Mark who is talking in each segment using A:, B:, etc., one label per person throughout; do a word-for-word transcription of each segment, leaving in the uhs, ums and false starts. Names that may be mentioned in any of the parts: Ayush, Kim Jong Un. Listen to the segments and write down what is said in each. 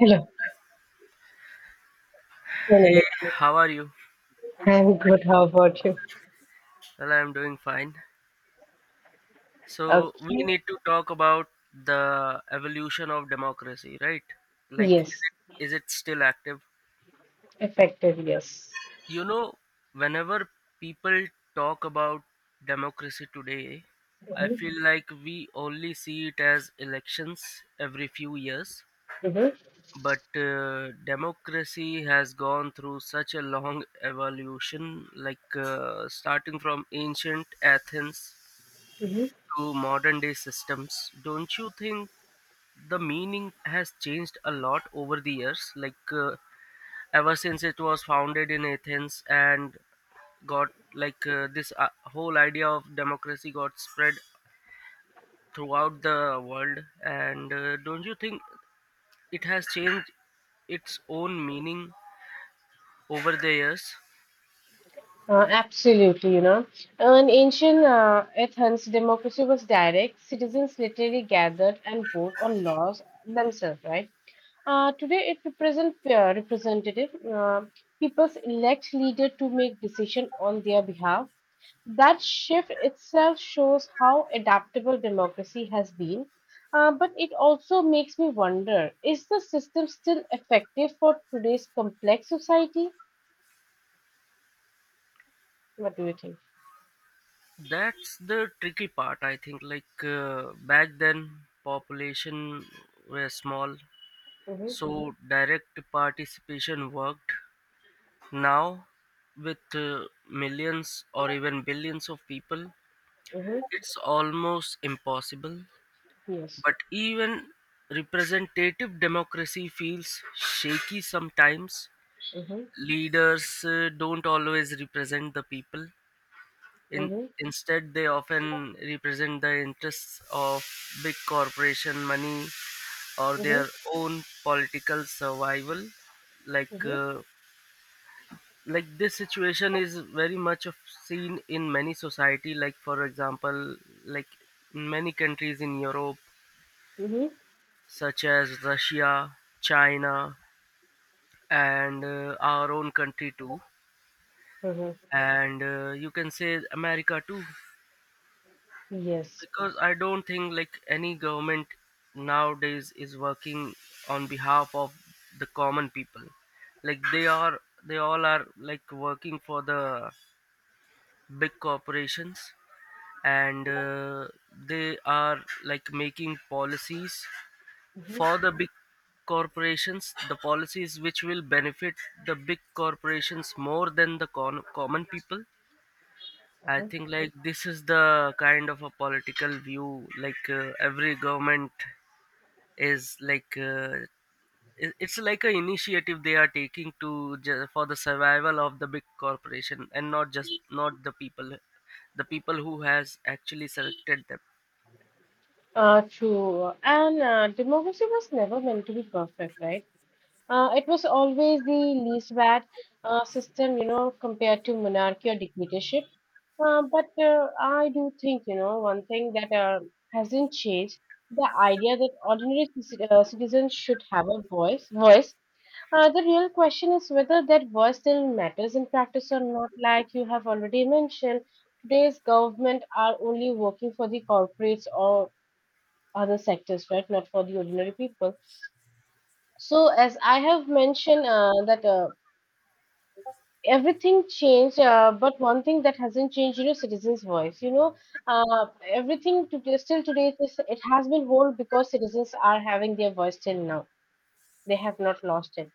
A: Hello. No, no, no.
B: Hey, how are you?
A: I'm good. How about you?
B: Well, I'm doing fine. So, we
A: Okay.
B: need to talk about the evolution of democracy, right? Like, is
A: Yes.
B: it, is it still active?
A: Effective. Yes.
B: You know, whenever people talk about democracy today, I feel
A: Mm-hmm.
B: like we only see it as elections every few years.
A: Mm-hmm.
B: But uh, democracy has gone through such a long evolution, like uh, starting from ancient Athens
A: hmm
B: to modern day systems, don't you think the meaning has changed a lot over the years? Like uh, ever since it was founded in Athens and got like uh, this uh, whole idea of democracy got spread throughout the world, and uh, don't you think it has changed its own meaning over the years?
A: Uh, absolutely. You know, an ancient uh, Athens, democracy was direct. Citizens literally gathered and vote on laws themselves. Right. Uh, today, it represents uh, representative. Uh, People elect leader to make decision on their behalf. That shift itself shows how adaptable democracy has been. Uh, but it also makes me wonder, is the system still effective for today's complex society? What do you think?
B: That's the tricky part, I think. Like uh, back then, population were small.
A: hmm
B: So direct participation worked. Now, with uh, millions or even billions of people,
A: hmm
B: it's almost impossible.
A: Yes.
B: But even representative democracy feels shaky sometimes.
A: hmm
B: Leaders uh, don't always represent the people. In
A: hmm
B: instead, they often represent the interests of big corporation money or
A: hmm
B: their own political survival, like
A: hmm
B: uh, like this situation is very much of seen in many society, like for example, like in many countries in Europe,
A: hmm
B: such as Russia, China, and uh, our own country too,
A: hmm
B: and uh, you can say America too.
A: Yes.
B: Because I don't think like any government nowadays is working on behalf of the common people. Like they are they all are like working for the big corporations, and uh, they are like making policies for
A: hmm
B: the big corporations, the policies which will benefit the big corporations more than the con- common people. I think like this is the kind of a political view. Like uh, every government is like uh, it- it's like an initiative they are taking to ju- for the survival of the big corporation and not just not the people, the people who has actually selected them.
A: uh True. And uh, democracy was never meant to be perfect, right? Uh, it was always the least bad uh, system, you know, compared to monarchy or dictatorship. Uh, but uh, I do think, you know, one thing that uh, hasn't changed, the idea that ordinary c- uh, citizens should have a voice. Voice. Uh, the real question is whether that voice still matters in practice or not. Like you have already mentioned, today's government are only working for the corporates or other sectors, right? Not for the ordinary people. So, as I have mentioned, uh, that uh, everything changed, uh, but one thing that hasn't changed, you know, citizens voice you know uh, Everything today, still today, it, is, it has been whole because citizens are having their voice till now. They have not lost it.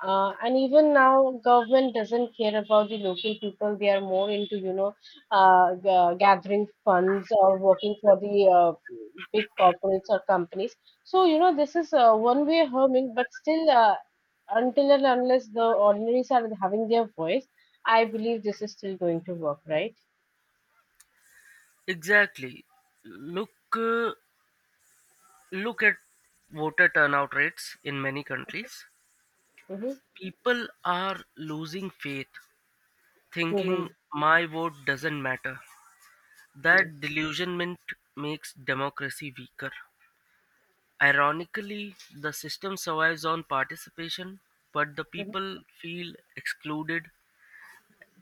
A: Uh, and even now, government doesn't care about the local people. They are more into, you know, uh, g- uh, gathering funds or working for the uh, big corporates or companies. So, you know, this is uh, one way harming, but still, uh, until and unless the ordinaries are having their voice, I believe this is still going to work, right?
B: Exactly. Look, uh, look at voter turnout rates in many countries.
A: Mm-hmm.
B: People are losing faith, thinking
A: Mm-hmm.
B: my vote doesn't matter. That
A: Yes.
B: delusionment makes democracy weaker. Ironically, the system survives on participation, but the
A: Mm-hmm.
B: people feel excluded,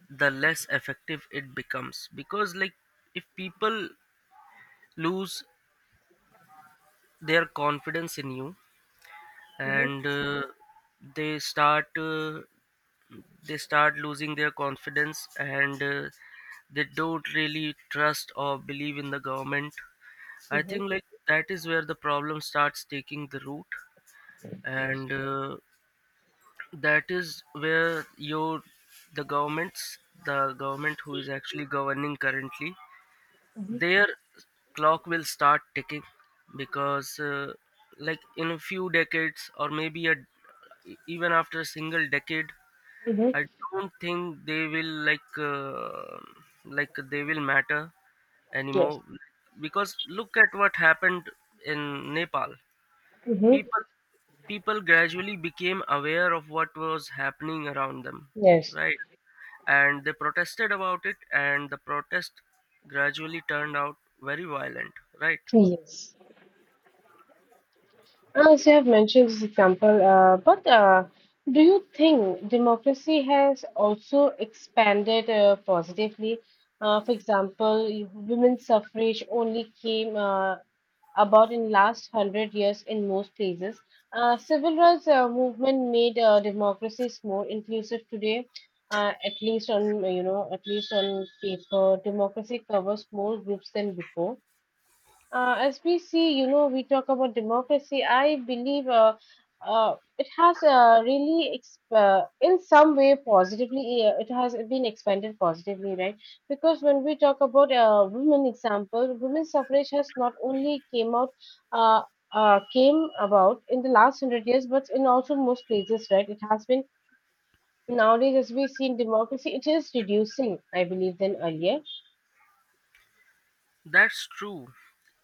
B: the less effective it becomes. Because, like, if people lose their confidence in you, and
A: Mm-hmm.
B: uh, they start uh, they start losing their confidence, and uh, they don't really trust or believe in the government. I
A: Mm-hmm.
B: think like that is where the problem starts taking the root, and uh, that is where your the governments the government who is actually governing currently,
A: Mm-hmm.
B: their clock will start ticking. Because uh, like in a few decades, or maybe a, even after a single decade,
A: Mm-hmm.
B: I don't think they will like uh, like they will matter
A: Yes.
B: anymore. Because look at what happened in Nepal.
A: Mm-hmm.
B: People people gradually became aware of what was happening around them,
A: Yes.
B: right? And they protested about it, and the protest gradually turned out very violent, right?
A: Yes. As you have mentioned this example, uh, but uh, do you think democracy has also expanded uh, positively? Uh, for example, women's suffrage only came uh, about in last hundred years in most places. Uh, civil rights uh, movement made uh, democracies more inclusive today. Uh, at least on, you know, at least on paper, democracy covers more groups than before, uh, as we see, you know, we talk about democracy. I believe uh, uh, it has uh, really, ex- uh, in some way, positively, uh, it has been expanded positively, right? Because when we talk about uh, women example, women's suffrage has not only came out. Uh, uh, came about in the last hundred years, but in also most places, right? It has been nowadays, as we see in democracy, it is reducing, I believe, than earlier.
B: That's true.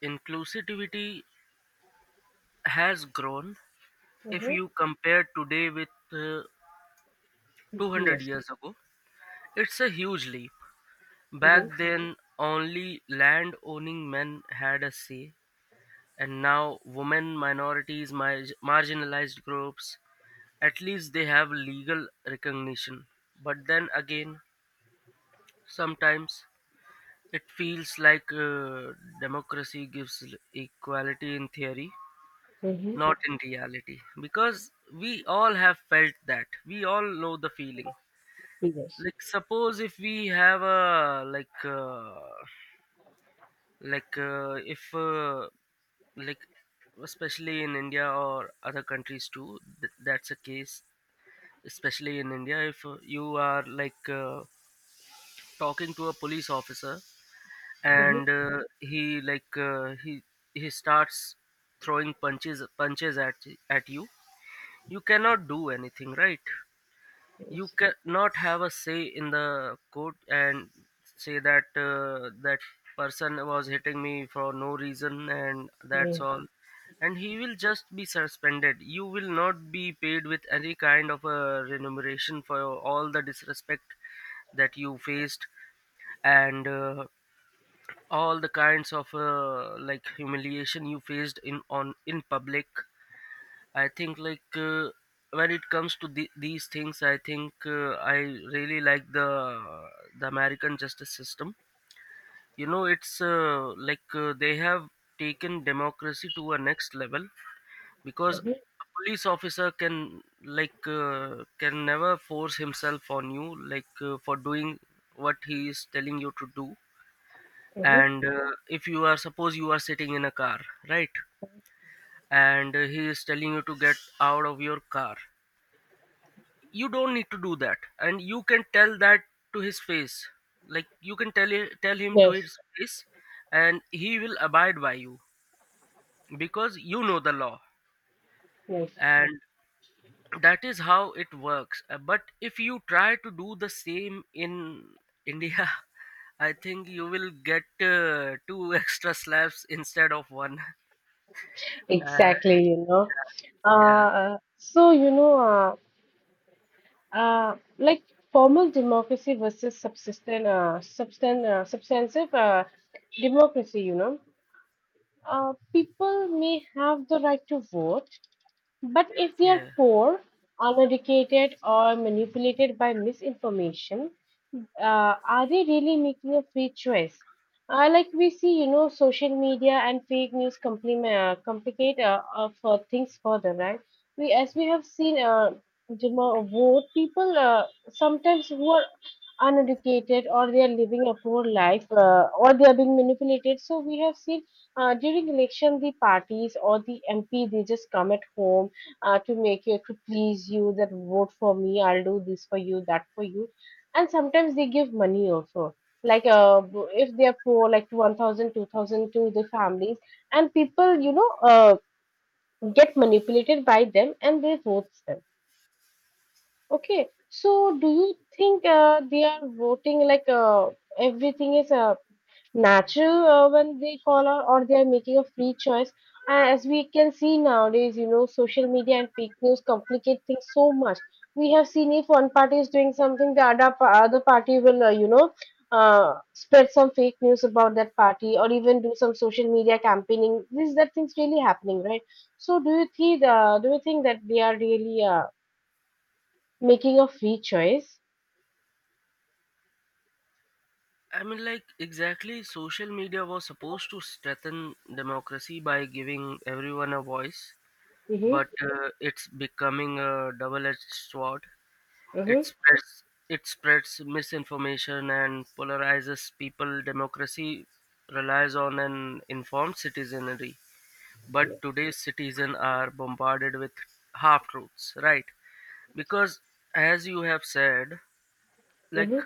B: Inclusivity has grown if
A: Mm-hmm.
B: you compare today with uh, two hundred
A: Yes.
B: years ago. It's a huge leap.
A: Mm-hmm.
B: Back then, only land owning men had a say, and now women, minorities, mar- marginalized groups. At least they have legal recognition. But then again, sometimes it feels like uh, democracy gives l- equality in theory,
A: Mm-hmm.
B: not in reality. Because we all have felt that. We all know the feeling.
A: Yes.
B: Like suppose if we have a like uh, like uh, if uh, like, especially in India or other countries too, th- that's a case. Especially in India, if uh, you are like uh, talking to a police officer, and
A: Mhm.
B: uh, he like uh, he he starts throwing punches punches at at you. You cannot do anything, right? You
A: Yes.
B: cannot have a say in the court and say that uh, that person was hitting me for no reason, and that's
A: hmm
B: all. And he will just be suspended. You will not be paid with any kind of a remuneration for all the disrespect that you faced, and uh, all the kinds of uh, like humiliation you faced in on in public. I think like uh, when it comes to the, these things, I think uh, I really like the the American justice system. You know, it's uh, like uh, they have taken democracy to a next level, because a police officer can like uh, can never force himself on you, like uh, for doing what he is telling you to do.
A: hmm
B: And uh, if you are suppose you are sitting in a car, right, and uh, he is telling you to get out of your car. You don't need to do that, and you can tell that to his face. Like, you can tell it, tell him to
A: Yes,
B: his face, and he will abide by you because you know the law,
A: yes,
B: and that is how it works. Uh, but if you try to do the same in India, I think you will get uh, two extra slaps instead of one. uh,
A: exactly, you know.
B: yeah.
A: Uh, so, you know, uh, uh, like formal democracy versus subsistent, uh, substan uh, substantive uh, democracy, you know. Uh, people may have the right to vote, but if they are
B: Yeah.
A: poor, uneducated, or manipulated by misinformation, uh, are they really making a free choice? Uh, like we see, you know, social media and fake news compliment, uh, complicate uh, uh, for things further, right? We, as we have seen, uh, Juma, vote people uh, sometimes who are uneducated or they are living a poor life, uh, or they are being manipulated. So we have seen uh, during election the parties or the M P, they just come at home uh, to make you, to please you, that vote for me, I'll do this for you, that for you, and sometimes they give money also, like uh, b- if they are poor, like one thousand, two thousand to the families, and people, you know, uh, get manipulated by them and they vote them. Okay, so do you think uh, they are voting like uh, everything is uh, natural uh, when they call out, or they are making a free choice? And as we can see nowadays, you know, social media and fake news complicate things so much. We have seen if one party is doing something, the other, pa- other party will, uh, you know uh, spread some fake news about that party, or even do some social media campaigning. This, that thing's really happening, right? So do you think uh, do you think that they are really uh, making a free choice?
B: I mean, like, exactly, social media was supposed to strengthen democracy by giving everyone a voice,
A: Mm-hmm,
B: but uh, it's becoming a double edged sword. It
A: mm-hmm,
B: spreads, it spreads misinformation and polarizes people. Democracy relies on an informed citizenry, but today's citizens are bombarded with half truths, right? Because, as you have said, like,
A: mm-hmm.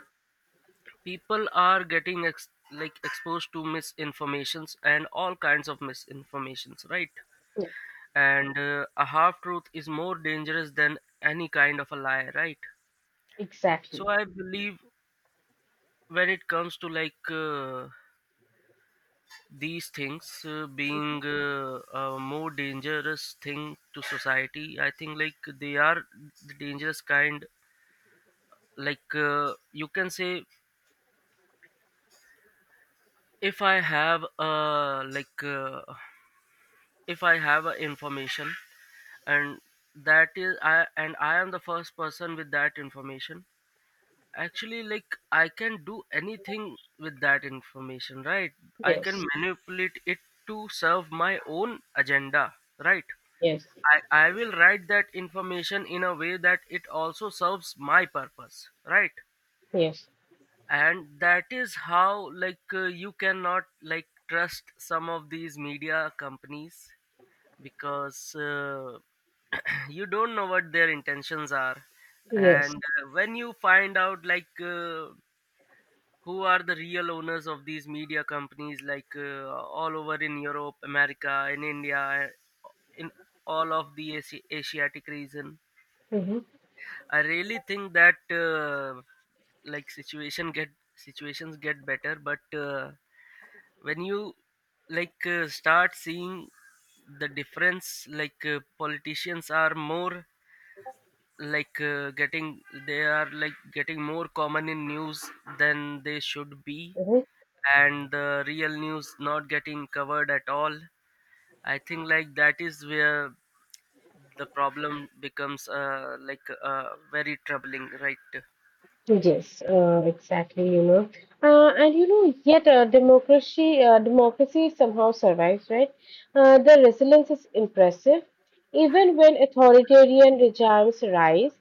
B: people are getting ex- like exposed to misinformations and all kinds of misinformations, right?
A: Yeah,
B: And uh, a half truth is more dangerous than any kind of a lie, right? So
A: exactly,
B: I believe, when it comes to like uh, these things uh, being uh, a more dangerous thing to society, I think like they are the dangerous kind. Like uh, you can say, if I have uh like uh, if I have a information, and that is I, and I am the first person with that information, actually. Like, I can do anything with that information, right? I can
A: yes,
B: manipulate it to serve my own agenda, right?
A: yes,
B: I i will write that information in a way that it also serves my purpose, right?
A: yes.
B: And that is how, like uh, you cannot like trust some of these media companies, because uh, you don't know what their intentions are. And
A: Yes.
B: uh, when you find out like uh, who are the real owners of these media companies, like uh, all over in Europe, America, in India, in all of the Asi- asiatic region,
A: Mm-hmm.
B: I really think that uh, like situation get situations get better. But uh, when you like uh, start seeing the difference, like uh, politicians are more like uh, getting they are like getting more common in news than they should be,
A: Mm-hmm.
B: and the real news not getting covered at all. I think like that is where the problem becomes uh, like uh, very troubling, right?
A: Yes. Uh, exactly. You know. Uh, and you know, yet uh, democracy, uh, democracy somehow survives, right? Uh, the resilience is impressive. Even when authoritarian regimes rise,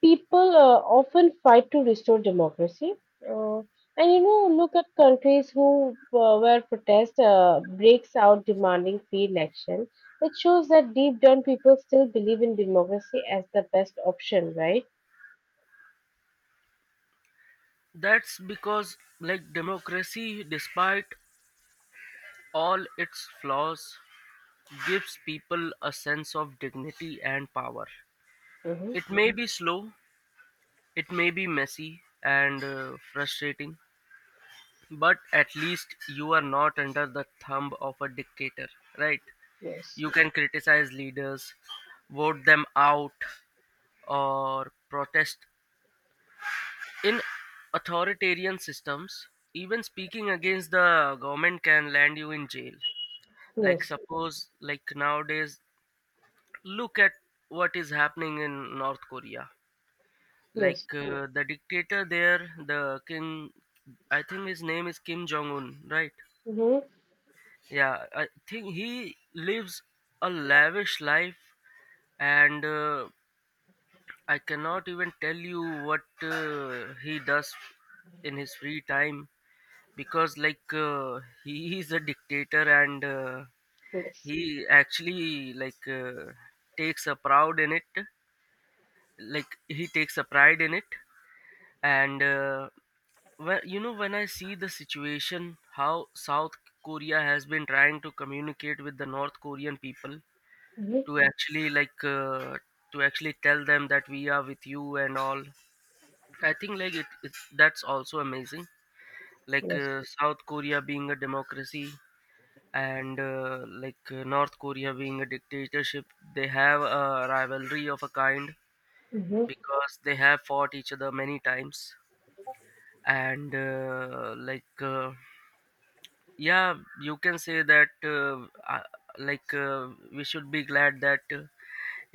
A: people uh, often fight to restore democracy. Uh, and you know, look at countries who uh, where protest uh, breaks out demanding free election. It shows that deep down, people still believe in democracy as the best option, right?
B: That's because like democracy, despite all its flaws, gives people a sense of dignity and power.
A: Mm-hmm.
B: It may be slow, it may be messy and uh, frustrating, but at least you are not under the thumb of a dictator, right?
A: Yes.
B: You can criticize leaders, vote them out, or protest. In authoritarian systems, even speaking against the government can land you in jail. Like,
A: Yes.
B: suppose, like nowadays, look at what is happening in North Korea.
A: Yes.
B: Like uh, the dictator there, the Kim, I think his name is Kim Jong Un, right?
A: Mm-hmm.
B: Yeah, I think he lives a lavish life, and uh, I cannot even tell you what uh, he does in his free time, because, like, uh, he is a dictator, and uh,
A: Yes.
B: he actually like uh, takes a proud in it, like he takes a pride in it, and. Uh, Well, you know, when I see the situation, how South Korea has been trying to communicate with the North Korean people
A: Mm-hmm.
B: to actually like uh, to actually tell them that we are with you and all. I think like it, it that's also amazing. Like
A: Yes.
B: uh, South Korea being a democracy, and uh, like uh, North Korea being a dictatorship, they have a rivalry of a kind
A: Mm-hmm.
B: because they have fought each other many times, and uh, like. Uh, yeah, you can say that uh, uh, like uh, we should be glad that uh,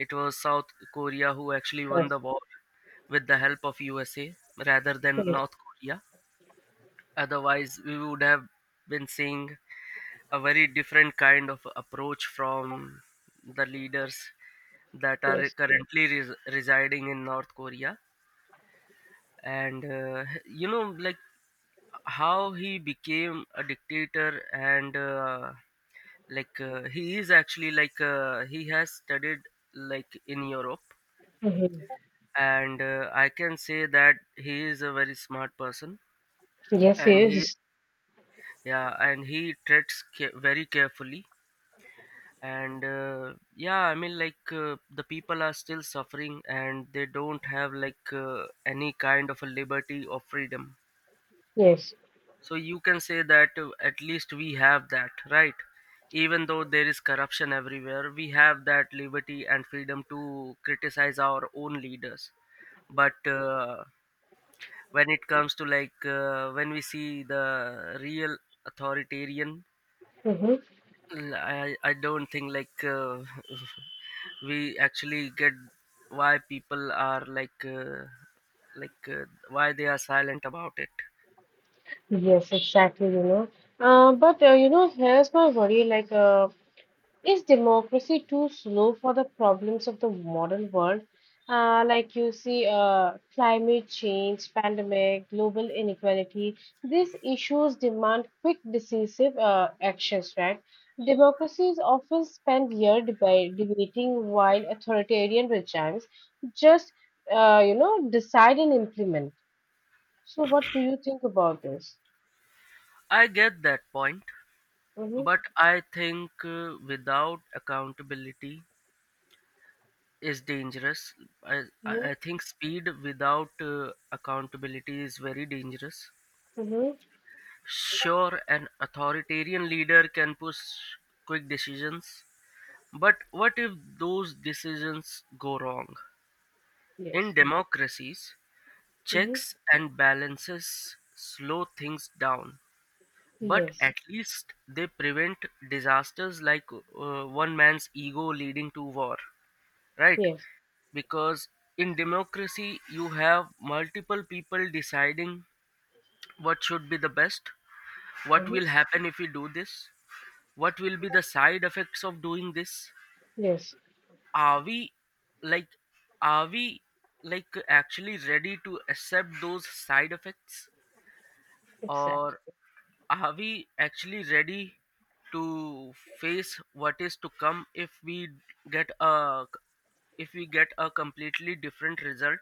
B: it was South Korea who actually won the
A: Yes.
B: war with the help of USA rather than
A: Yes.
B: North Korea. Otherwise we would have been seeing a very different kind of approach from the leaders that are
A: Yes.
B: currently res- residing in North Korea. And uh, you know, like how he became a dictator, and uh, like uh, he is actually like uh, he has studied like in Europe,
A: Mm-hmm.
B: and uh, I can say that he is a very smart person,
A: Yes.
B: and he,
A: Yes.
B: yeah, and he treads ca- very carefully. And uh, yeah, I mean, like uh, the people are still suffering, and they don't have like uh, any kind of a liberty or freedom.
A: Yes.
B: So you can say that uh, at least we have that, right? Even though there is corruption everywhere, we have that liberty and freedom to criticize our own leaders. But uh, when it comes to like uh, when we see the real authoritarian,
A: Mm-hmm.
B: l- I, I don't think like uh, we actually get why people are like uh, like uh, why they are silent about it.
A: Yes. Exactly. You know. Uh, but uh, you know, here's my worry. Like, uh, Is democracy too slow for the problems of the modern world? Uh, like you see, uh, climate change, pandemic, global inequality, these issues demand quick, decisive uh, actions, right? Democracies often spend years deba- debating while authoritarian regimes just, uh, you know, decide and implement. So, what do you think about this?
B: I get that point,
A: Mm-hmm,
B: but I think uh, without accountability is dangerous. I,
A: mm-hmm,
B: I I think speed without uh, accountability is very dangerous.
A: mm-hmm.
B: Sure, an authoritarian leader can push quick decisions, but what if those decisions go wrong? In
A: Yes,
B: democracies,
A: mm-hmm,
B: checks and balances slow things down, but
A: yes,
B: at least they prevent disasters like uh, one man's ego leading to war, right?
A: yes,
B: Because in democracy, you have multiple people deciding what should be the best, what
A: mm-hmm,
B: will happen if we do this, what will be the side effects of doing this.
A: yes.
B: Are we like, are we like actually ready to accept those side effects,
A: Exactly.
B: or are we actually ready to face what is to come if we get a if we get a completely different result?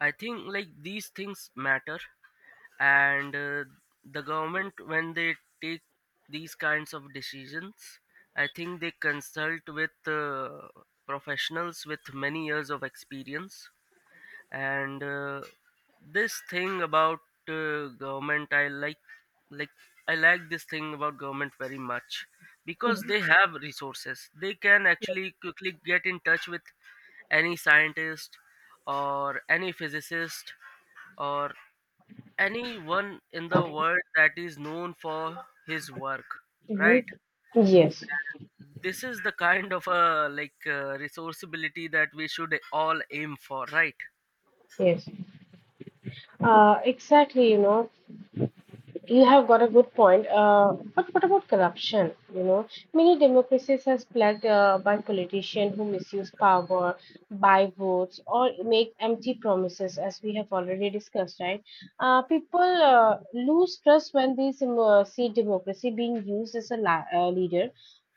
B: I think like these things matter, and uh, the government, when they take these kinds of decisions, I think they consult with uh, professionals with many years of experience, and uh, this thing about uh, government, i like like I like this thing about government very much because they have resources. They can actually quickly get in touch with any scientist or any physicist or anyone in the world that is known for his work,
A: hmm
B: right?
A: Yes,
B: This is the kind of a like uh, resourceability that we should all aim for, right?
A: yes. Uh, exactly, you know, you have got a good point. Uh, but what about corruption? You know, many democracies are plagued uh, by politicians who misuse power, buy votes, or make empty promises, as we have already discussed, right? Uh, people uh, lose trust when they sim- uh, see democracy being used as a la- uh, leader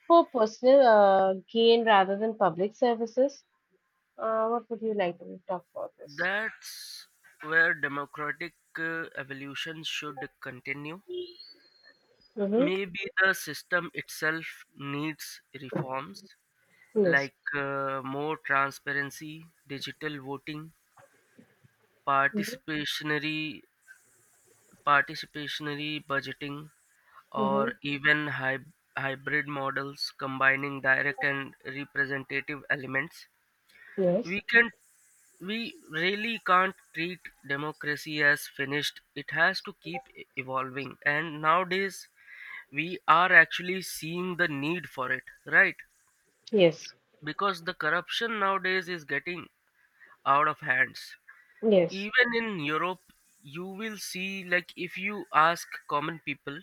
A: for personal uh, gain rather than public services. Uh, what would you like to talk about this?
B: That's where democratic uh, evolution should continue.
A: Mm-hmm.
B: Maybe the system itself needs reforms
A: Yes.
B: like uh, more transparency, digital voting,
A: Mm-hmm.
B: participatory participatory budgeting,
A: Mm-hmm.
B: or even hy- hybrid models combining direct and representative elements. We
A: Yes.
B: can we really can't treat democracy as finished. It has to keep e- evolving. And nowadays we are actually seeing the need for it, right?
A: Yes.
B: Because the corruption nowadays is getting out of hands.
A: Yes.
B: Even in Europe, you will see, like if you ask common people,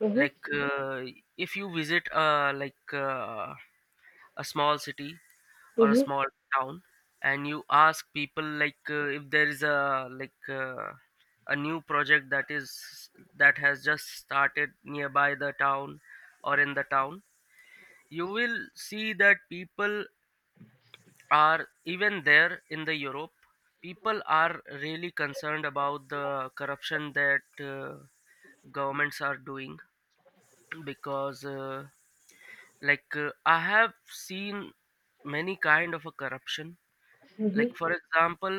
A: Mm-hmm.
B: like uh, if you visit uh, like uh, a small city or a
A: Mm-hmm.
B: small town and you ask people like uh, if there is a like uh, a new project that is that has just started nearby the town or in the town, you will see that people are, even there in the Europe, people are really concerned about the corruption that uh, governments are doing, because uh, like uh, I have seen many kind of a corruption. Like, for
A: Mm-hmm.
B: example,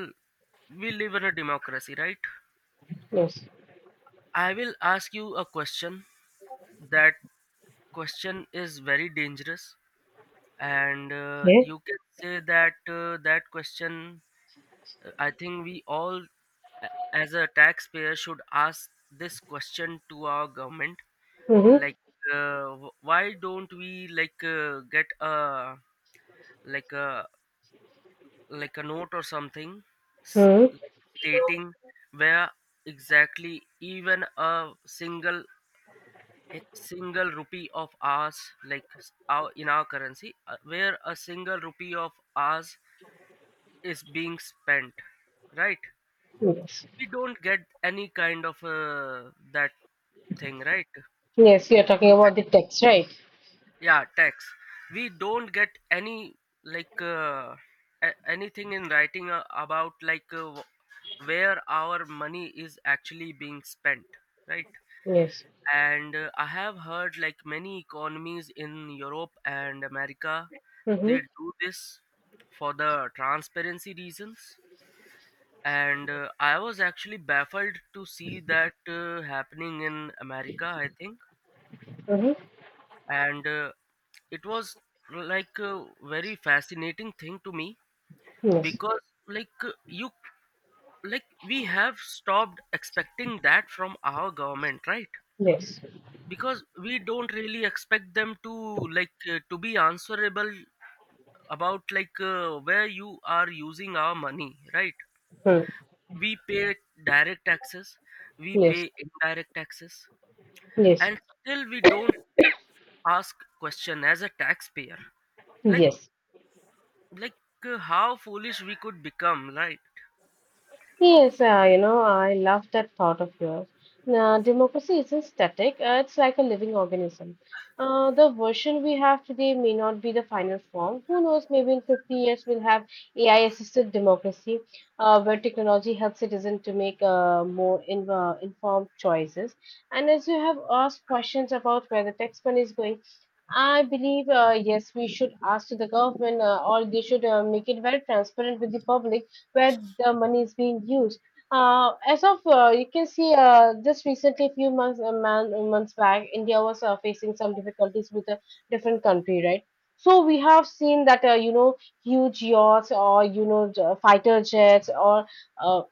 B: we live in a democracy, right?
A: Yes.
B: I will ask you a question. That question is very dangerous, and uh,
A: Okay.
B: you can say that uh, that question. uh, I think we all, a- as a taxpayer, should ask this question to our government.
A: Mm-hmm.
B: Like, uh, wh- why don't we like uh, get a like a like a note or something, s-
A: Mm-hmm.
B: like stating where exactly even a single a single rupee of ours, like s- our in our currency, uh, where a single rupee of ours is being spent, right?
A: Yes.
B: We don't get any kind of uh, that thing, right?
A: Yes.
B: We
A: You're talking
B: don't
A: about the
B: get,
A: text, right?
B: yeah, text. We don't get any like uh, a- anything in writing uh, about like uh, wh- where our money is actually being spent, right?
A: Yes.
B: And uh, I have heard like many economies in Europe and America, they
A: Mm-hmm.
B: do this for the transparency reasons, and uh, I was actually baffled to see that uh, happening in America, I think.
A: Mm-hmm.
B: And uh, it was like a very fascinating thing to me,
A: Yes.
B: because like uh, you like we have stopped expecting that from our government, right?
A: Yes.
B: Because we don't really expect them to like uh, to be answerable about like uh, where you are using our money, right?
A: Mm.
B: We pay, yeah, direct taxes. We
A: Yes.
B: pay indirect taxes,
A: Yes.
B: and still we don't ask question as a taxpayer, like
A: Yes.
B: like uh, how foolish we could become, right?
A: Yes, uh, you know, I love that thought of yours. Now, democracy isn't static, uh, it's like a living organism. Uh, the version we have today may not be the final form. Who knows, maybe in fifty years we'll have A I assisted democracy, uh, where technology helps citizens to make uh, more in, uh, informed choices. And as you have asked questions about where the tax money is going, I believe, uh, yes, we should ask to the government, uh, or they should uh, make it very transparent with the public where the money is being used. Uh, as of uh, you can see, uh, just recently, a few months, a man, months back, India was uh, facing some difficulties with a different country, right? So we have seen that, uh, you know, huge yachts, or you know, j- fighter jets, or uh,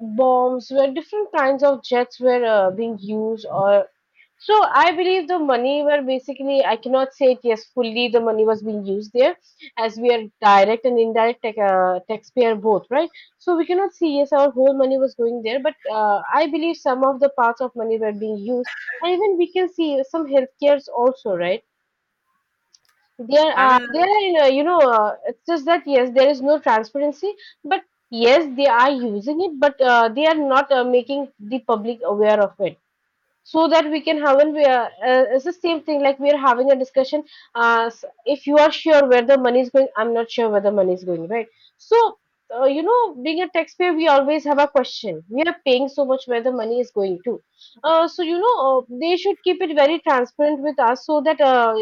A: bombs, where different kinds of jets were uh, being used, or so I believe the money were basically, I cannot say it yes fully, the money was being used there, as we are direct and indirect tax uh, taxpayer both, right? So we cannot see yes our whole money was going there, but uh, I believe some of the parts of money were being used, and even we can see some healthcares also, right? There
B: I
A: are,
B: mean,
A: there are, uh, you know, uh, it's just that yes, there is no transparency, but yes, they are using it, but uh, they are not uh, making the public aware of it, so that we can have an uh, uh, it's the same thing, like we are having a discussion. Uh, s- if you are sure where the money is going, I'm not sure where the money is going, right? So uh, you know, being a taxpayer, we always have a question, we are paying so much, where the money is going to. Uh, so you know, uh, they should keep it very transparent with us, so that uh,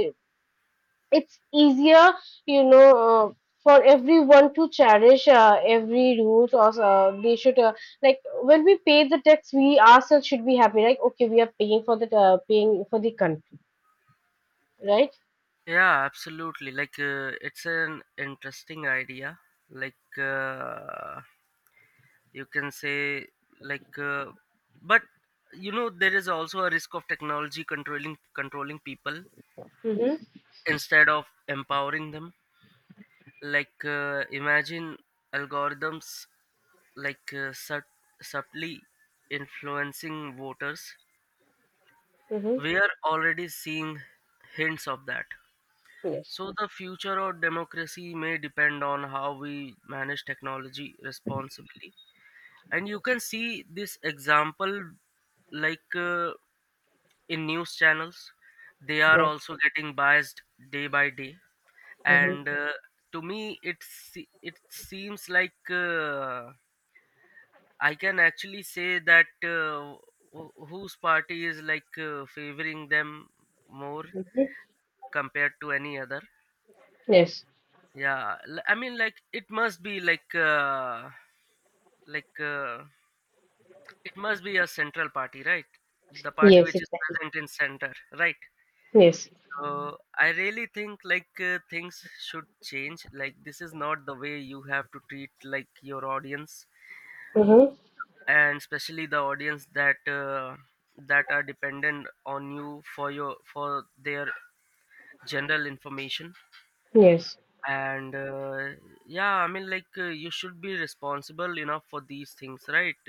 A: it's easier, you know, uh, for everyone to cherish uh, every rules, or uh, they should, uh, like when we pay the tax, we ourselves should be happy. Like okay, we are paying for the, uh, paying for the country, right?
B: yeah, absolutely, like uh, it's an interesting idea, like uh, you can say, like uh, but you know there is also a risk of technology controlling controlling people
A: Mm-hmm.
B: instead of empowering them. Like uh, imagine algorithms like uh, sub- subtly influencing voters.
A: Mm-hmm.
B: We are already seeing hints of that.
A: Yes.
B: So the future of democracy may depend on how we manage technology responsibly. And you can see this example like uh, in news channels, they are
A: Yes.
B: also getting biased day by day.
A: Mm-hmm.
B: And uh, to me, it se- it seems like uh, I can actually say that uh, wh- whose party is like uh, favoring them more compared to any other.
A: Yes.
B: Yeah, l- I mean, like it must be like uh, like uh, it must be a central party, right? The party
A: Yes.
B: which is
A: Exactly.
B: present in center, right?
A: Yes.
B: So I really think like uh, things should change. Like, this is not the way you have to treat like your audience,
A: Mm-hmm.
B: and especially the audience that uh, that are dependent on you for your for their general information.
A: Yes.
B: And uh, yeah, I mean, like uh, you should be responsible enough for these things, right?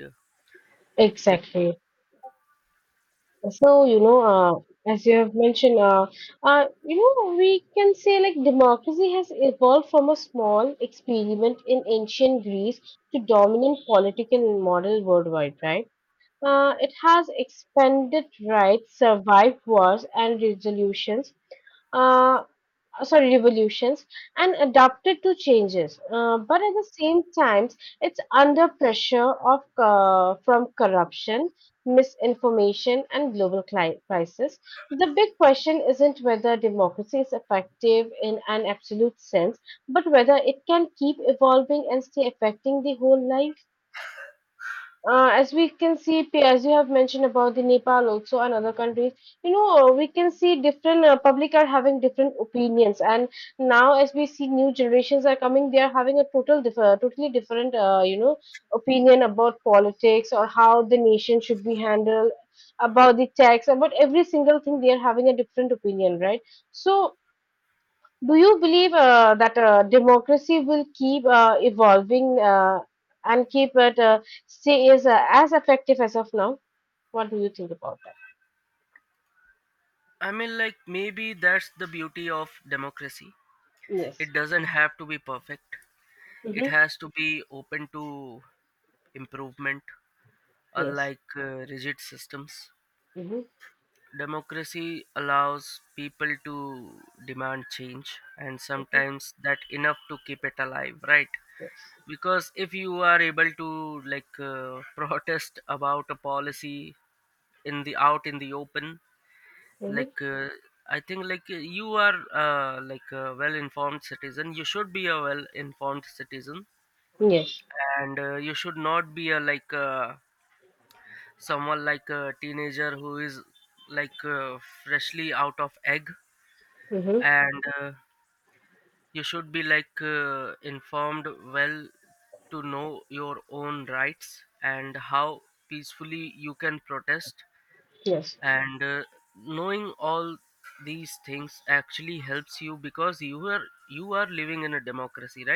B: Be-
A: Exactly. So, you know, uh, as you have mentioned, uh, uh, you know, we can say like democracy has evolved from a small experiment in ancient Greece to dominant political model worldwide, right? Uh, it has expanded rights, survived wars and resolutions. Uh, uh, sorry revolutions, and adapted to changes, uh, but at the same times it's under pressure of uh, from corruption, misinformation, and global cli- crisis. The big question isn't whether democracy is effective in an absolute sense, but whether it can keep evolving and stay affecting the whole life. Uh, as we can see, P- as you have mentioned about the Nepal also and other countries, you know, uh, we can see different uh, public are having different opinions, and now as we see new generations are coming, they are having a total diff- uh, totally different, uh, you know, opinion about politics or how the nation should be handled, about the tax, about every single thing. They are having a different opinion, right? So do you believe uh, that uh, democracy will keep uh, evolving, uh, and keep it uh, stay is uh, as effective as of now? What do you think about that?
B: I mean, like, maybe that's the beauty of democracy. It
A: Yes.
B: doesn't have to be perfect. It
A: Mm-hmm.
B: has to be open to improvement,
A: Yes.
B: unlike uh, rigid systems.
A: Mm-hmm.
B: Democracy allows people to demand change, and sometimes that enough to keep it alive, right?
A: Yes.
B: Because if you are able to like uh, protest about a policy in the out in the open, like
A: Mm-hmm.
B: uh, I think like uh, you are uh, like a well informed citizen, you should be a well informed citizen.
A: Yes.
B: And uh, you should not be a like uh, someone like a teenager who is like uh, freshly out of egg.
A: Mm-hmm.
B: And uh, you should be like uh, informed well to know your own rights and how peacefully you can protest.
A: Yes.
B: And uh, knowing all these things actually helps you, because you are you are living in a democracy, right?